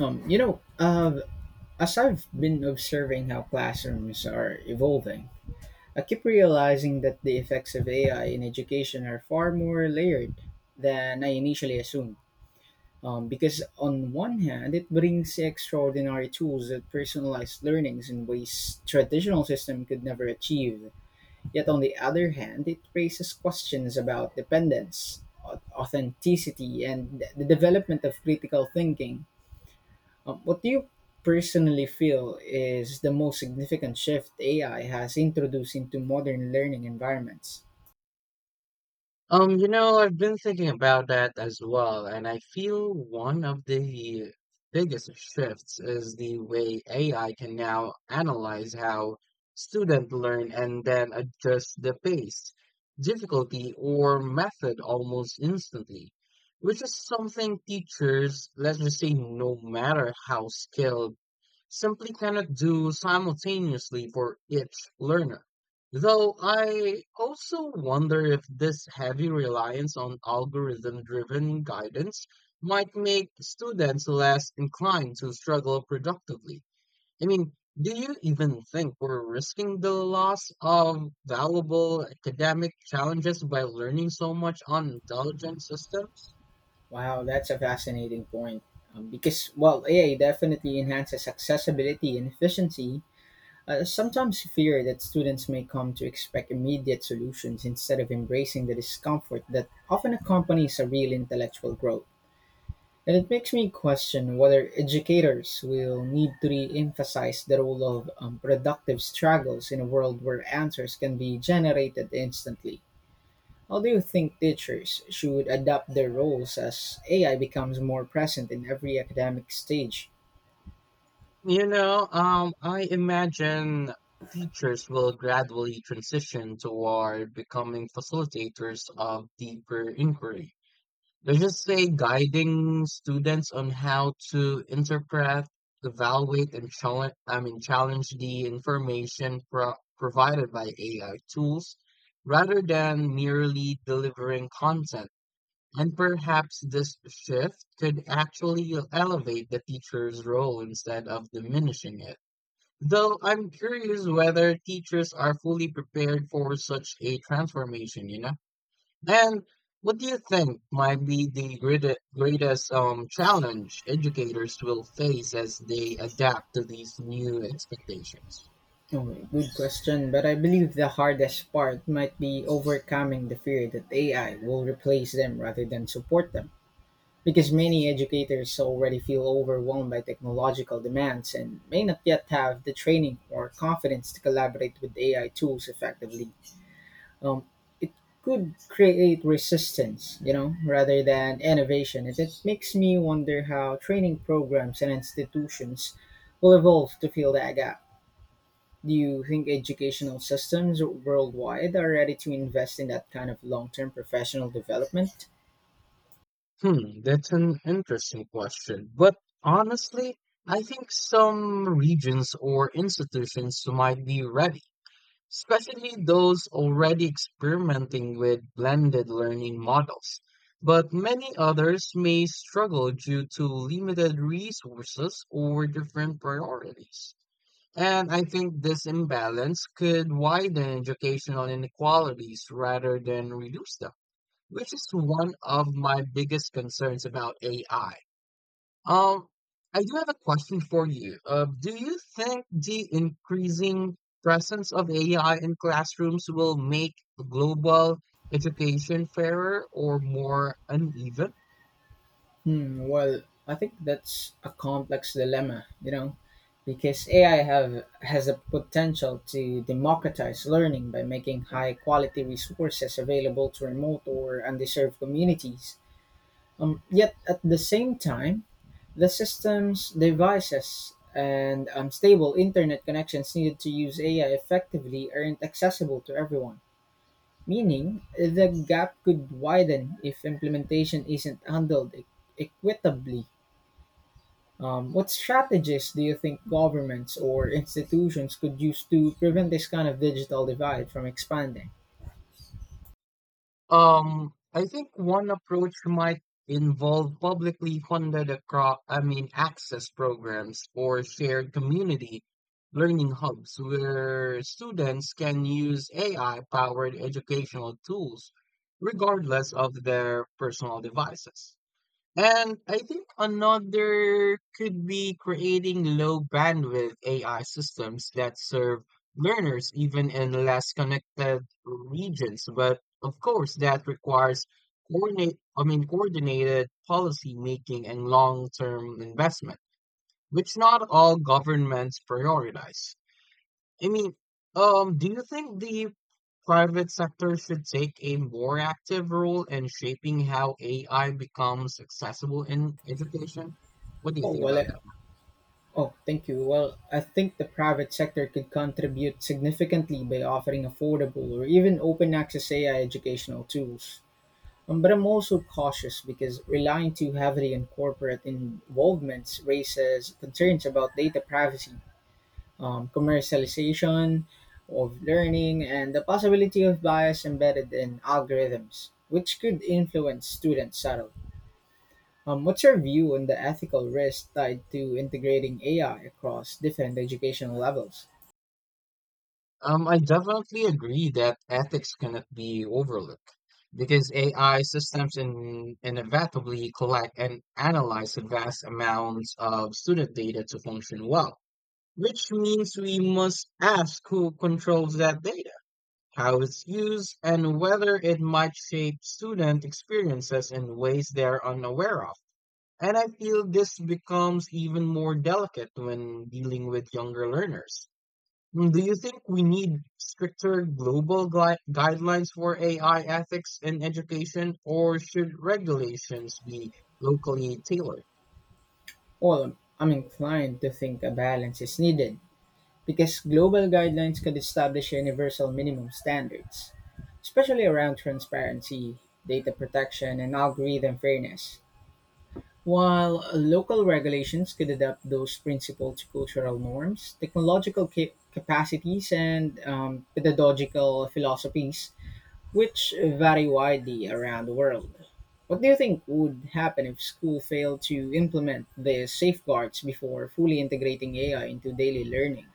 Um, you know, uh, as I've been observing how classrooms are evolving, I keep realizing that the effects of AI in education are far more layered than I initially assumed. Because on one hand, it brings extraordinary tools that personalize learnings in ways traditional system could never achieve. Yet on the other hand, it raises questions about dependence, authenticity, and the development of critical thinking. What do you personally feel is the most significant shift AI has introduced into modern learning environments? I've been thinking about that as well, and I feel one of the biggest shifts is the way AI can now analyze how students learn and then adjust the pace, difficulty, or method almost instantly, which is something teachers, let's just say, no matter how skilled simply cannot do simultaneously for each learner. Though I also wonder if this heavy reliance on algorithm driven guidance might make students less inclined to struggle productively. I mean, do you even think we're risking the loss of valuable academic challenges by learning so much on intelligent systems? Wow, that's a fascinating point. Because while AI definitely enhances accessibility and efficiency, I sometimes fear that students may come to expect immediate solutions instead of embracing the discomfort that often accompanies a real intellectual growth. And it makes me question whether educators will need to re emphasize the role of productive struggles in a world where answers can be generated instantly. How do you think teachers should adapt their roles as AI becomes more present in every academic stage? I imagine teachers will gradually transition toward becoming facilitators of deeper inquiry. Let's just say guiding students on how to interpret, evaluate, and challenge, I mean, challenge the information provided by AI tools rather than merely delivering content. And perhaps this shift could actually elevate the teacher's role instead of diminishing it. Though I'm curious whether teachers are fully prepared for such a transformation, And what do you think might be the greatest challenge educators will face as they adapt to these new expectations? Oh, good question, but I believe the hardest part might be overcoming the fear that AI will replace them rather than support them. Because many educators already feel overwhelmed by technological demands and may not yet have the training or confidence to collaborate with AI tools effectively. Um, it could create resistance, you know, rather than innovation. And it makes me wonder how training programs and institutions will evolve to fill that gap. Do you think educational systems worldwide are ready to invest in that kind of long term professional development? Hmm, that's an interesting question. But honestly, I think some regions or institutions might be ready, especially those already experimenting with blended learning models. But many others may struggle due to limited resources or different priorities. And I think this imbalance could widen educational inequalities rather than reduce them, which is one of my biggest concerns about AI. Um, I do have a question for you. Do you think the increasing presence of AI in classrooms will make global education fairer or more uneven? Hmm, well, I think that's a complex dilemma, you know, because AI have has a potential to democratize learning by making high quality resources available to remote or underserved communities. Yet at the same time, the system's devices and stable internet connections needed to use AI effectively aren't accessible to everyone. Meaning, the gap could widen if implementation isn't handled equitably. What strategies do you think governments or institutions could use to prevent this kind of digital divide from expanding? I think one approach might involve publicly funded access programs or shared community learning hubs where students can use AI-powered educational tools regardless of their personal devices. And I think another could be creating low bandwidth AI systems that serve learners even in less connected regions. But of course, that requires coordinated policy making and long term investment, which not all governments prioritize. I mean, do you think the private sector should take a more active role in shaping how AI becomes accessible in education? What do you Oh, think well, I, about that? oh, Thank you. Well, I think the private sector could contribute significantly by offering affordable or even open access AI educational tools. But I'm also cautious because relying too heavily on corporate involvements raises concerns about data privacy, commercialization of learning, and the possibility of bias embedded in algorithms, which could influence students subtly. What's your view on the ethical risk tied to integrating AI across different educational levels? I definitely agree that ethics cannot be overlooked because AI inevitably collect and analyze vast amounts of student data to function well, which means we must ask who controls that data, how it's used, and whether it might shape student experiences in ways they're unaware of. And I feel this becomes even more delicate when dealing with younger learners. Mm, do you think we need stricter global guidelines for AI ethics in education, or should regulations be locally tailored? Well, I'm inclined to think a balance is needed because global guidelines could establish universal minimum standards, especially around transparency, data protection, and algorithm fairness. While local regulations could adapt those principles to cultural norms, technological capacities, and pedagogical philosophies, which vary widely around the world. What do you think would happen if school failed to implement the safeguards before fully integrating AI into daily learning?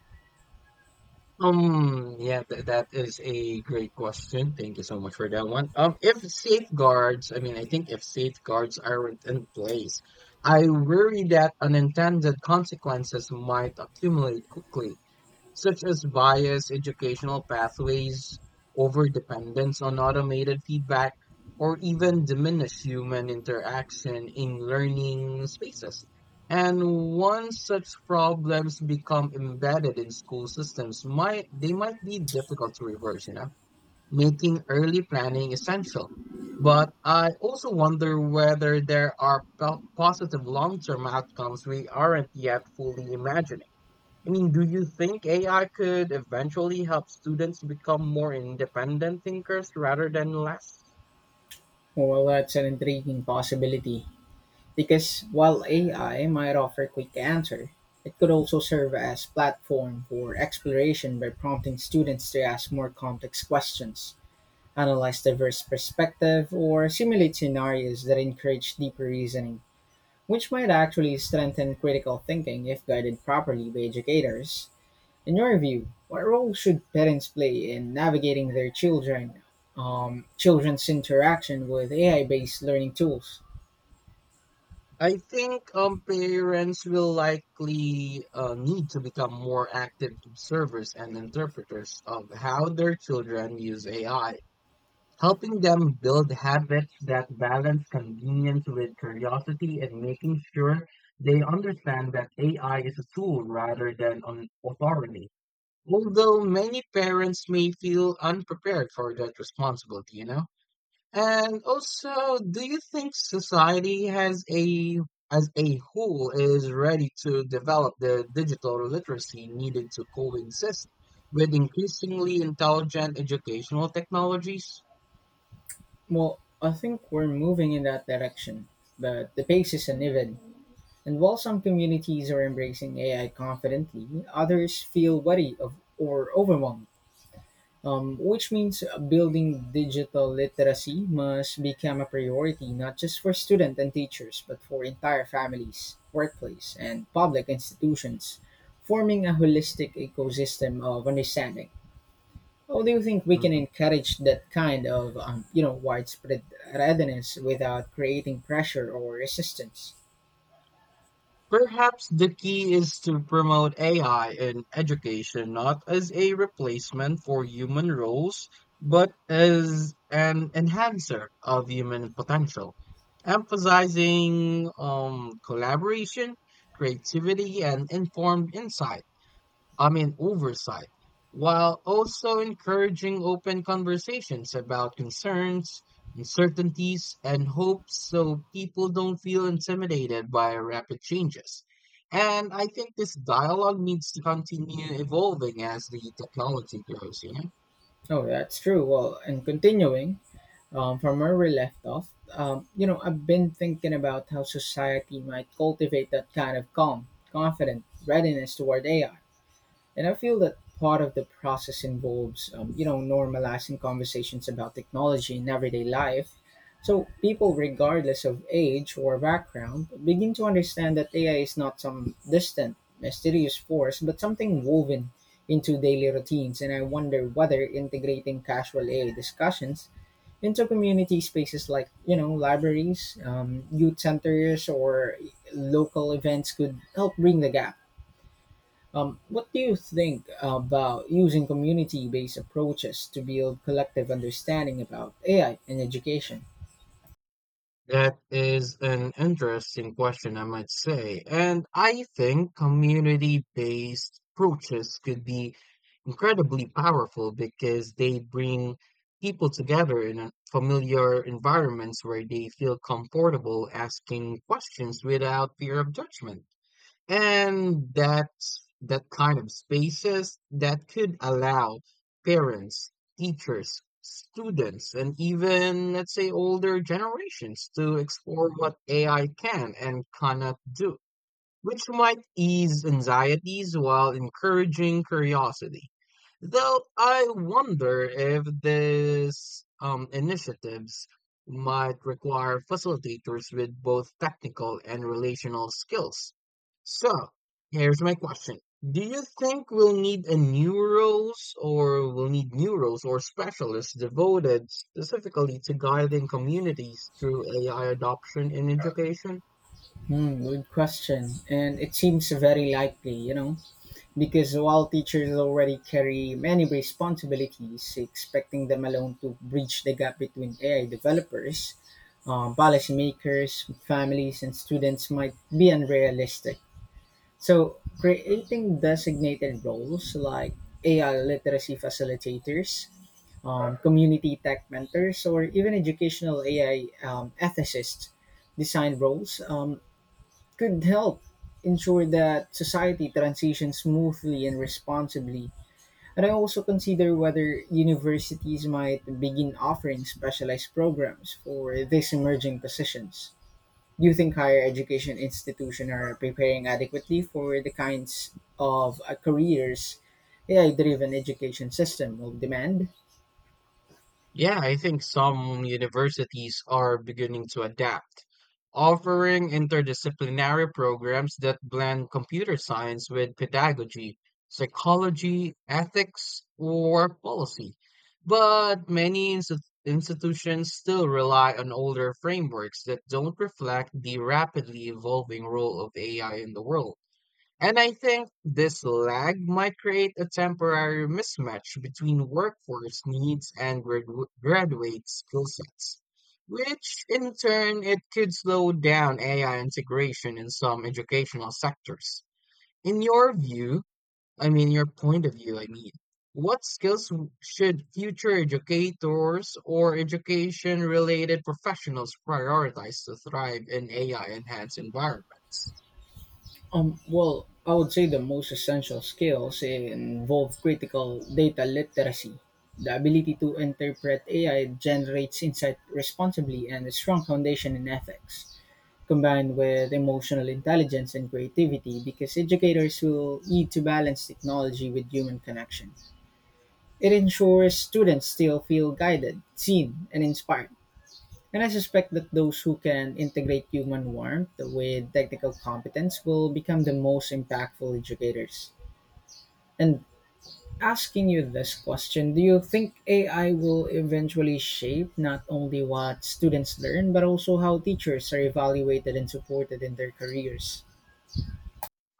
Yeah, th that is a great question. Thank you so much for that one. If safeguards, I mean, I think if safeguards aren't in place, I worry that unintended consequences might accumulate quickly, such as bias, educational pathways, overdependence on automated feedback, or even diminished human interaction in learning spaces. And once such problems become embedded in school systems, might be difficult to reverse, making early planning essential. But I also wonder whether there are positive long-term outcomes we aren't yet fully imagining. I mean, do you think AI could eventually help students become more independent thinkers rather than less? Well, that's an intriguing possibility. Because while AI might offer quick answer, it could also serve as platform for exploration by prompting students to ask more complex questions, analyze diverse perspective, or simulate scenarios that encourage deeper reasoning, which might actually strengthen critical thinking if guided properly by educators. In your view, what role should parents play in navigating their children's interaction with AI-based learning tools? I think parents will likely need to become more active observers and interpreters of how their children use AI, helping them build habits that balance convenience with curiosity and making sure they understand that AI is a tool rather than an authority. Although many parents may feel unprepared for that responsibility, And also, do you think society has a as a whole is ready to develop the digital literacy needed to coexist with increasingly intelligent educational technologies? Well, I think we're moving in that direction, but the pace is uneven. And while some communities are embracing AI confidently, others feel wary of or overwhelmed. Which means building digital literacy must become a priority not just for students and teachers, but for entire families, workplace, and public institutions, forming a holistic ecosystem of understanding. How do you think we can Mm-hmm. encourage that kind of widespread readiness without creating pressure or resistance? Perhaps the key is to promote AI in education not as a replacement for human roles, but as an enhancer of human potential, emphasizing collaboration, creativity, and informed insight. I mean, oversight, while also encouraging open conversations about concerns, uncertainties, and hopes so people don't feel intimidated by rapid changes. And I think this dialogue needs to continue evolving as the technology grows, Oh, that's true. Well, and continuing from where we left off. I've been thinking about how society might cultivate that kind of calm, confident readiness toward AI. And I feel that part of the process involves normalizing conversations about technology in everyday life. So people, regardless of age or background, begin to understand that AI is not some distant, mysterious force, but something woven into daily routines. And I wonder whether integrating casual AI discussions into community spaces like, you know, libraries, youth centers, or local events could help bring the gap. What do you think about using community based approaches to build collective understanding about AI in education? That is an interesting question, I might say. And I think community-based approaches could be incredibly powerful because they bring people together in a familiar environments where they feel comfortable asking questions without fear of judgment. And that's that kind of spaces that could allow parents, teachers, students, and even, let's say, older generations to explore what AI can and cannot do, which might ease anxieties while encouraging curiosity. Though I wonder if these initiatives might require facilitators with both technical and relational skills. So, here's my question. Do you think we'll need a new roles or we'll need new roles or specialists devoted specifically to guiding communities through AI adoption in education? Hmm, good question. And it seems very likely, you know, because while teachers already carry many responsibilities, expecting them alone to bridge the gap between AI developers, policymakers, families, and students might be unrealistic. So, creating designated roles like AI literacy facilitators, community tech mentors, or even educational AI ethicists. Design roles could help ensure that society transitions smoothly and responsibly. And I also consider whether universities might begin offering specialized programs for these emerging positions. Do you think higher education institutions are preparing adequately for the kinds of careers AI driven education system will demand? Yeah, I think some universities are beginning to adapt, offering interdisciplinary programs that blend computer science with pedagogy, psychology, ethics, or policy. But many institutions still rely on older frameworks that don't reflect the rapidly evolving role of AI in the world. And I think this lag might create a temporary mismatch between workforce needs and graduate skill sets, which in turn it could slow down AI integration in some educational sectors. In your point of view, what skills should future educators or education related professionals prioritize to thrive in AI enhanced environments? Well, I would say the most essential skills involve critical data literacy, the ability to interpret AI generates insight responsibly, and a strong foundation in ethics, combined with emotional intelligence and creativity, because educators will need to balance technology with human connection. It ensures students still feel guided, seen, and inspired and I suspect that those who can integrate human warmth with technical competence will become the most impactful educators. And asking you this question, do you think AI will eventually shape not only what students learn, but also how teachers are evaluated and supported in their careers?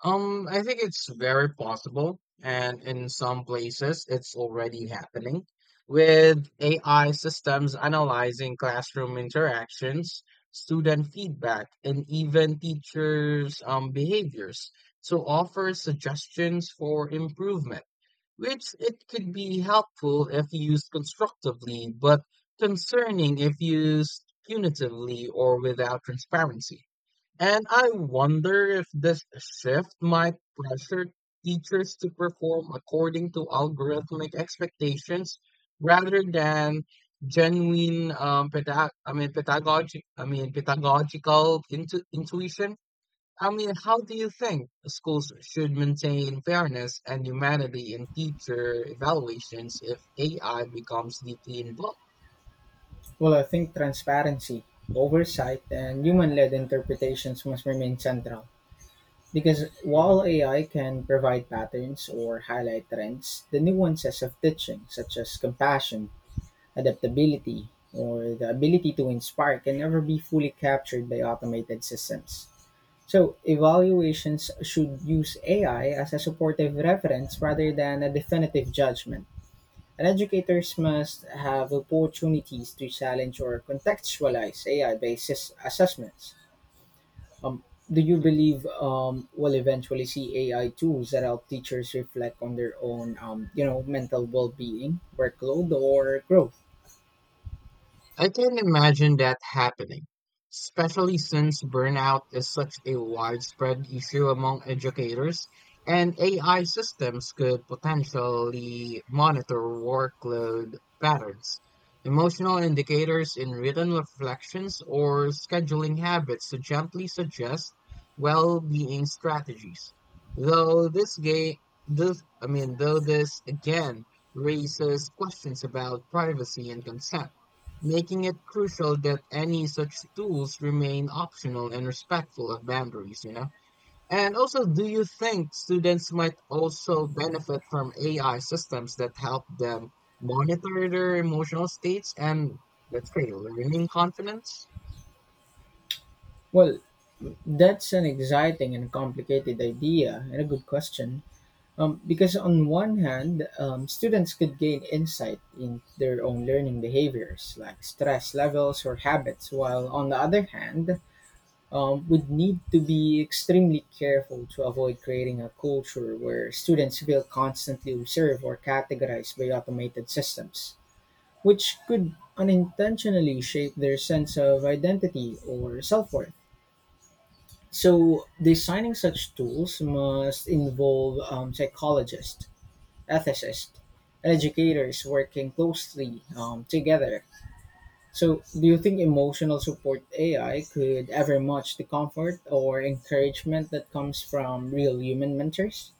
I think it's very possible, and in some places it's already happening with AI systems analyzing classroom interactions, student feedback, and even teachers' behaviors to offer suggestions for improvement, which it could be helpful if used constructively, but concerning if used punitively or without transparency. And I wonder if this shift might pressure teachers to perform according to algorithmic expectations rather than genuine pedagogical intuition. I mean, how do you think schools should maintain fairness and humanity in teacher evaluations if AI becomes deeply involved? Well, I think transparency, oversight, and human led interpretations must remain central. Because Mhm. while AI can provide patterns or highlight trends, the nuances of teaching, such as compassion, adaptability, or the ability to inspire, can never be fully captured by automated systems. So, evaluations should use AI as a supportive reference rather than a definitive judgment. And educators must have opportunities to challenge or contextualize AI based assessments. Um, do you believe we'll eventually see AI tools that help teachers reflect on their own, mental well-being, workload, or growth? I can imagine that happening, especially since burnout is such a widespread issue among educators, and AI systems could potentially monitor workload patterns, emotional indicators in written reflections, or scheduling habits to gently suggest well-being strategies. Though this game, this, I mean, though this again raises questions about privacy and consent, making it crucial that any such tools remain optional and respectful of boundaries, And also, do you think students might also benefit from AI systems that help them monitor their emotional states and, let's say, learning confidence? Well, that's an exciting and complicated idea and a good question. Because on one hand, students could gain insight in their own learning behaviors, like stress levels or habits, while on the other hand, would need to be extremely careful to avoid creating a culture where students feel constantly observed or categorized by automated systems, which could unintentionally shape their sense of identity or self worth. So, designing such tools must involve psychologists, ethicists, and educators working closely together so, do you think emotional support AI could ever match the comfort or encouragement that comes from real human mentors?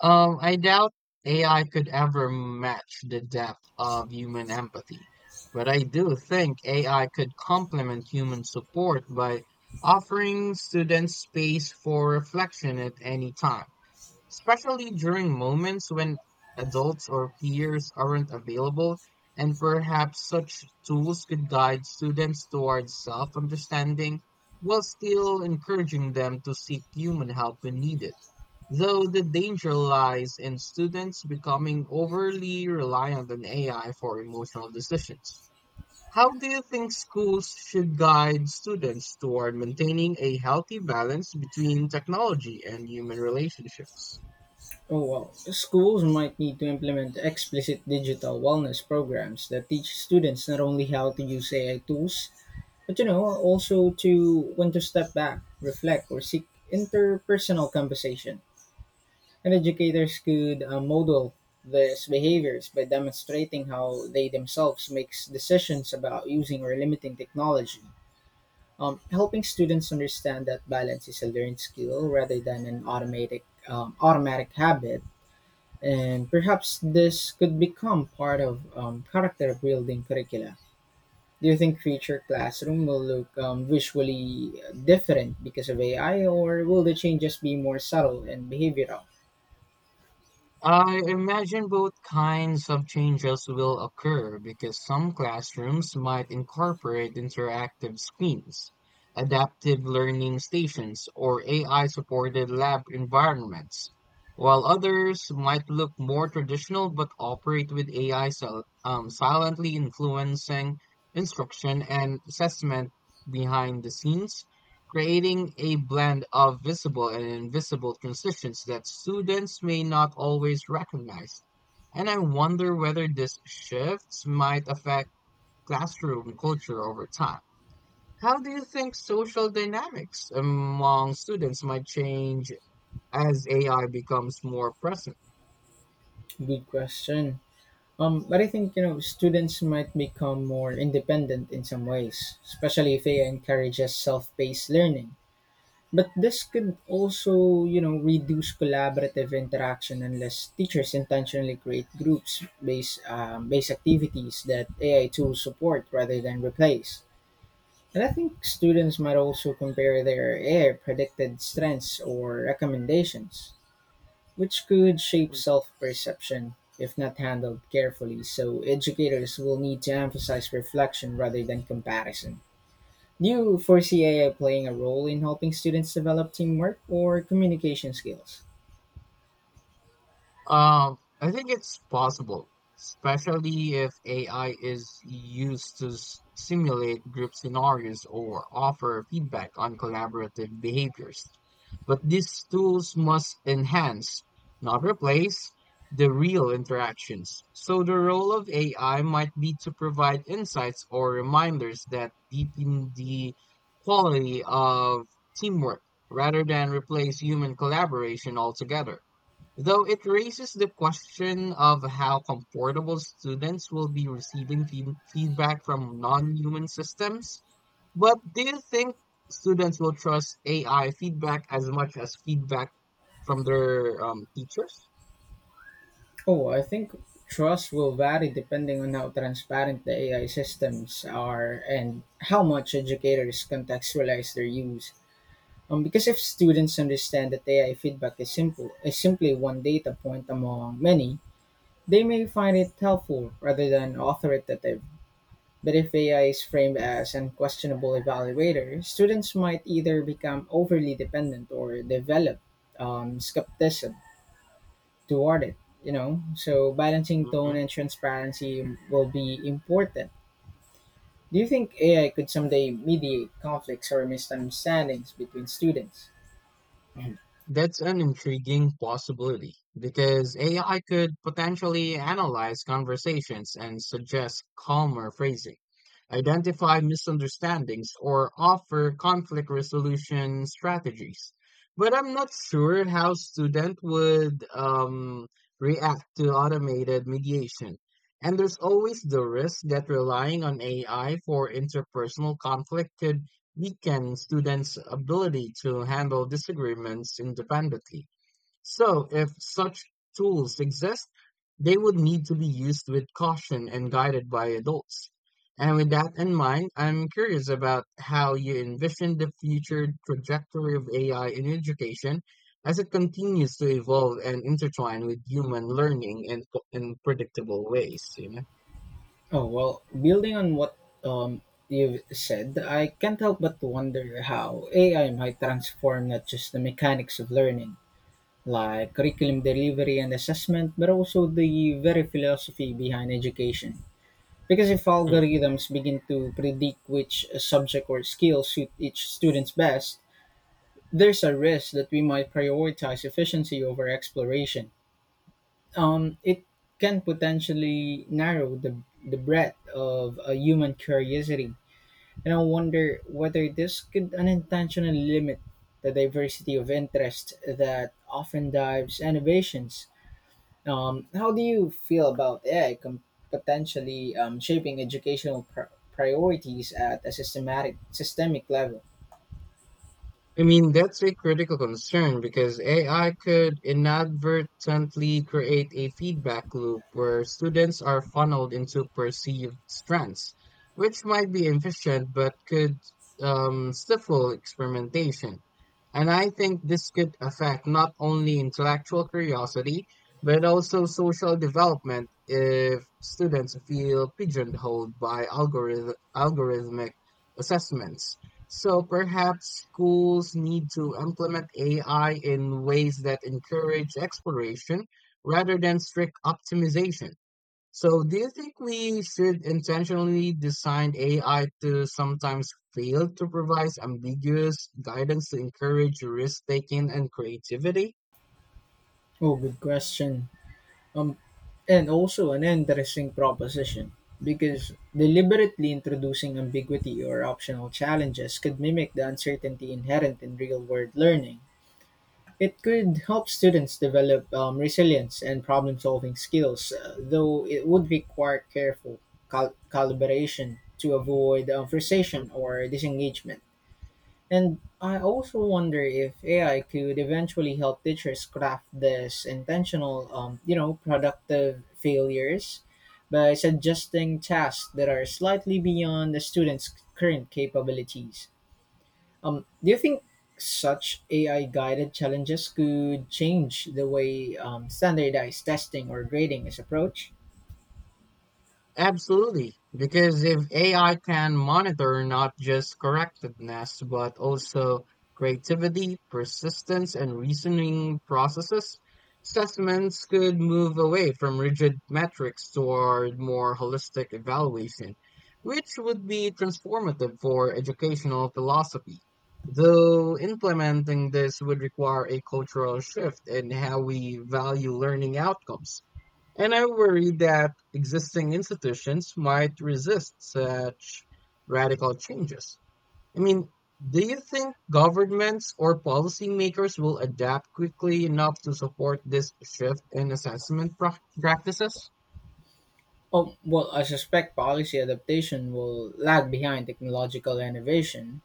I doubt AI could ever match the depth of human empathy, but I do think AI could complement human support by offering students space for reflection at any time, especially during moments when adults or peers aren't available, and perhaps such tools could guide students towards self-understanding while still encouraging them to seek human help when needed. Though the danger lies in students becoming overly reliant on AI for emotional decisions. How do you think schools should guide students toward maintaining a healthy balance between technology and human relationships? Oh, well, schools might need to implement explicit digital wellness programs that teach students not only how to use AI tools, but you know, also to when to step back, reflect, or seek interpersonal conversation. And educators could model these behaviors by demonstrating how they themselves make decisions about using or limiting technology, helping students understand that balance is a learned skill rather than an automatic habit. And perhaps this could become part of character building curricula. Do you think future classroom will look visually different because of AI, or will the changes be more subtle and behavioral? I imagine both kinds of changes will occur because some classrooms might incorporate interactive screens, adaptive learning stations, or AI supported lab environments, while others might look more traditional but operate with AI silently influencing instruction and assessment behind the scenes, creating a blend of visible and invisible transitions that students may not always recognize. And I wonder whether these shifts might affect classroom culture over time. How do you think social dynamics among students might change as AI becomes more present? Good question. But I think you know students might become more independent in some ways, especially if AI encourages self-paced learning. But this could also you know reduce collaborative interaction unless teachers intentionally create groups based activities that AI tools support rather than replace. And I think students might also compare their AI predicted strengths or recommendations which could shape self perception if not handled carefully. So, educators will need to emphasize reflection rather than comparison. Do you foresee AI playing a role in helping students develop teamwork or communication skills? I think it's possible, especially if AI is used to simulate group scenarios or offer feedback on collaborative behaviors. But these tools must enhance, not replace, the real interactions. So the role of AI might be to provide insights or reminders that deepen the quality of teamwork rather than replace human collaboration altogether. Though it raises the question of how comfortable students will be receiving feedback from non-human systems, but do you think students will trust AI feedback as much as feedback from their teachers? Oh, I think trust will vary depending on how transparent the AI systems are and how much educators contextualize their use. Because if students understand that AI feedback is simply one data point among many, they may find it helpful rather than authoritative, but if AI is framed as an questionable evaluator, students might either become overly dependent or develop skepticism toward it. You know, so balancing tone Mm-hmm. and transparency will be important. Do you think AI could someday mediate conflicts or misunderstandings between students? That's an intriguing possibility because AI could potentially analyze conversations and suggest calmer phrasing, identify misunderstandings, or offer conflict resolution strategies. But I'm not sure how students would react to automated mediation. And there's always the risk that relying on AI for interpersonal conflict could weaken students' ability to handle disagreements independently. So, if such tools exist, they would need to be used with caution and guided by adults. And with that in mind, I'm curious about how you envision the future trajectory of AI in education as it continues to evolve and intertwine with human learning in predictable ways, Oh, well, building on what um, you've said, I can't help but wonder how AI might transform not just the mechanics of learning, like curriculum delivery and assessment, but also the very philosophy behind education. Because if algorithms begin to predict which subject or skill suit each student's best, there's a risk that we might prioritize efficiency over exploration. It can potentially narrow the breadth of a human curiosity. And I wonder whether this could unintentionally limit the diversity of interest that often drives innovations. How do you feel about potentially shaping educational priorities at a systematic systemic level? I mean, that's a critical concern because AI could inadvertently create a feedback loop where students are funneled into perceived strengths, which might be efficient but could stifle experimentation. And I think this could affect not only intellectual curiosity, but also social development if students feel pigeonholed by algorithmic assessments. So perhaps schools need to implement AI in ways that encourage exploration rather than strict optimization. So do you think we should intentionally design AI to sometimes fail to provide ambiguous guidance to encourage risk taking and creativity? Oh, good question. Um, and also an interesting proposition, because deliberately introducing ambiguity or optional challenges could mimic the uncertainty inherent in real world learning. It could help students develop resilience and problem solving skills, though it would require careful calibration to avoid frustration or disengagement. And I also wonder if AI could eventually help teachers craft this intentional, productive failures by suggesting tasks that are slightly beyond the student's current capabilities. Do you think such AI guided challenges could change the way standardized testing or grading is approached? Absolutely, because if AI can monitor not just correctness, but also creativity, persistence, and reasoning processes, assessments could move away from rigid metrics toward more holistic evaluation, which would be transformative for educational philosophy. Though implementing this would require a cultural shift in how we value learning outcomes, and I worry that existing institutions might resist such radical changes. I mean, do you think governments or policymakers will adapt quickly enough to support this shift in assessment practices? Oh, well, I suspect policy adaptation will lag behind technological innovation,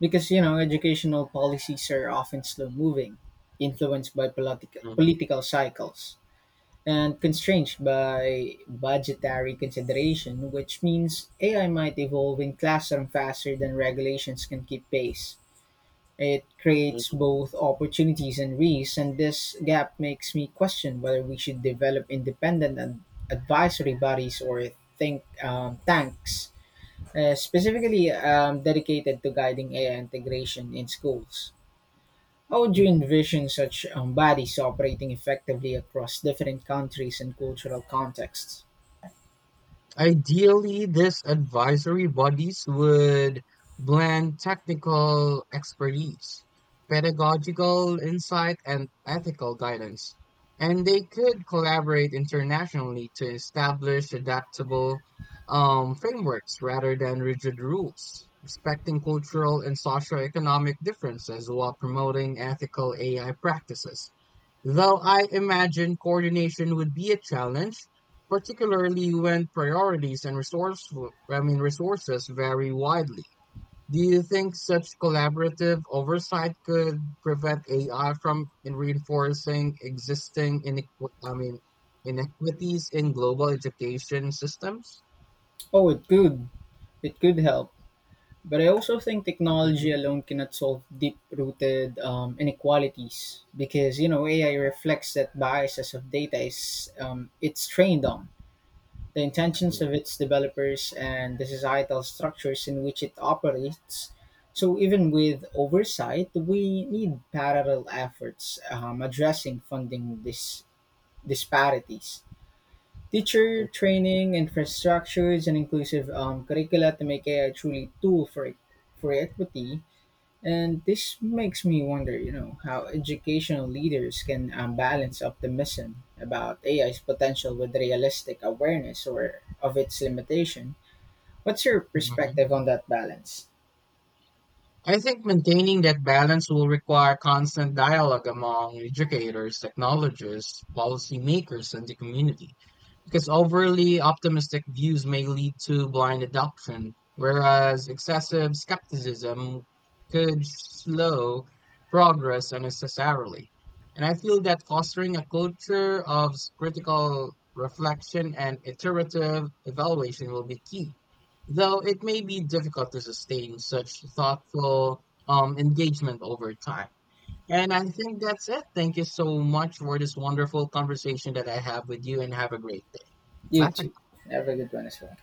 because you know educational policies are often slow moving influenced by political Mhm, political cycles and constrained by budgetary consideration which means ai might evolve in classroom faster than regulations can keep pace it creates mhm. both opportunities and risks and this gap makes me question whether we should develop independent and advisory bodies or think tanks specifically dedicated to guiding AI integration in schools. How would you envision such bodies operating effectively across different countries and cultural contexts? Ideally, these advisory bodies would blend technical expertise, pedagogical insight, and ethical guidance, and they could collaborate internationally to establish adaptable frameworks rather than rigid rules, respecting cultural and socioeconomic differences while promoting ethical AI practices. Though I imagine coordination would be a challenge, particularly when priorities and resources vary widely. Do you think such collaborative oversight could prevent AI from in reinforcing existing inequities in global education systems? Oh, it could. It could help. But I also think technology Mhm. alone cannot solve deep-rooted inequalities because you know AI reflects that biases of data is it's trained on. The intentions of its developers, and the societal structures in which it operates. So, even with oversight, we need parallel efforts addressing funding disparities. Teacher training, infrastructures, and inclusive curricula to make AI truly tool for equity and this makes me wonder, you know, how educational leaders can balance optimism about AI's potential with realistic awareness or of its limitation. What's your Mhm. perspective on that balance? I think maintaining that balance will require constant dialogue among educators, technologists, policymakers, and the community, because overly optimistic views may lead to blind adoption, whereas excessive skepticism could slow progress unnecessarily. And I feel that fostering a culture of critical reflection and iterative evaluation will be key, though it may be difficult to sustain such thoughtful engagement over time. And I think that's it. Thank you so much for this wonderful conversation that I have with you, and have a great day. You Bye. too. Have a good one as well.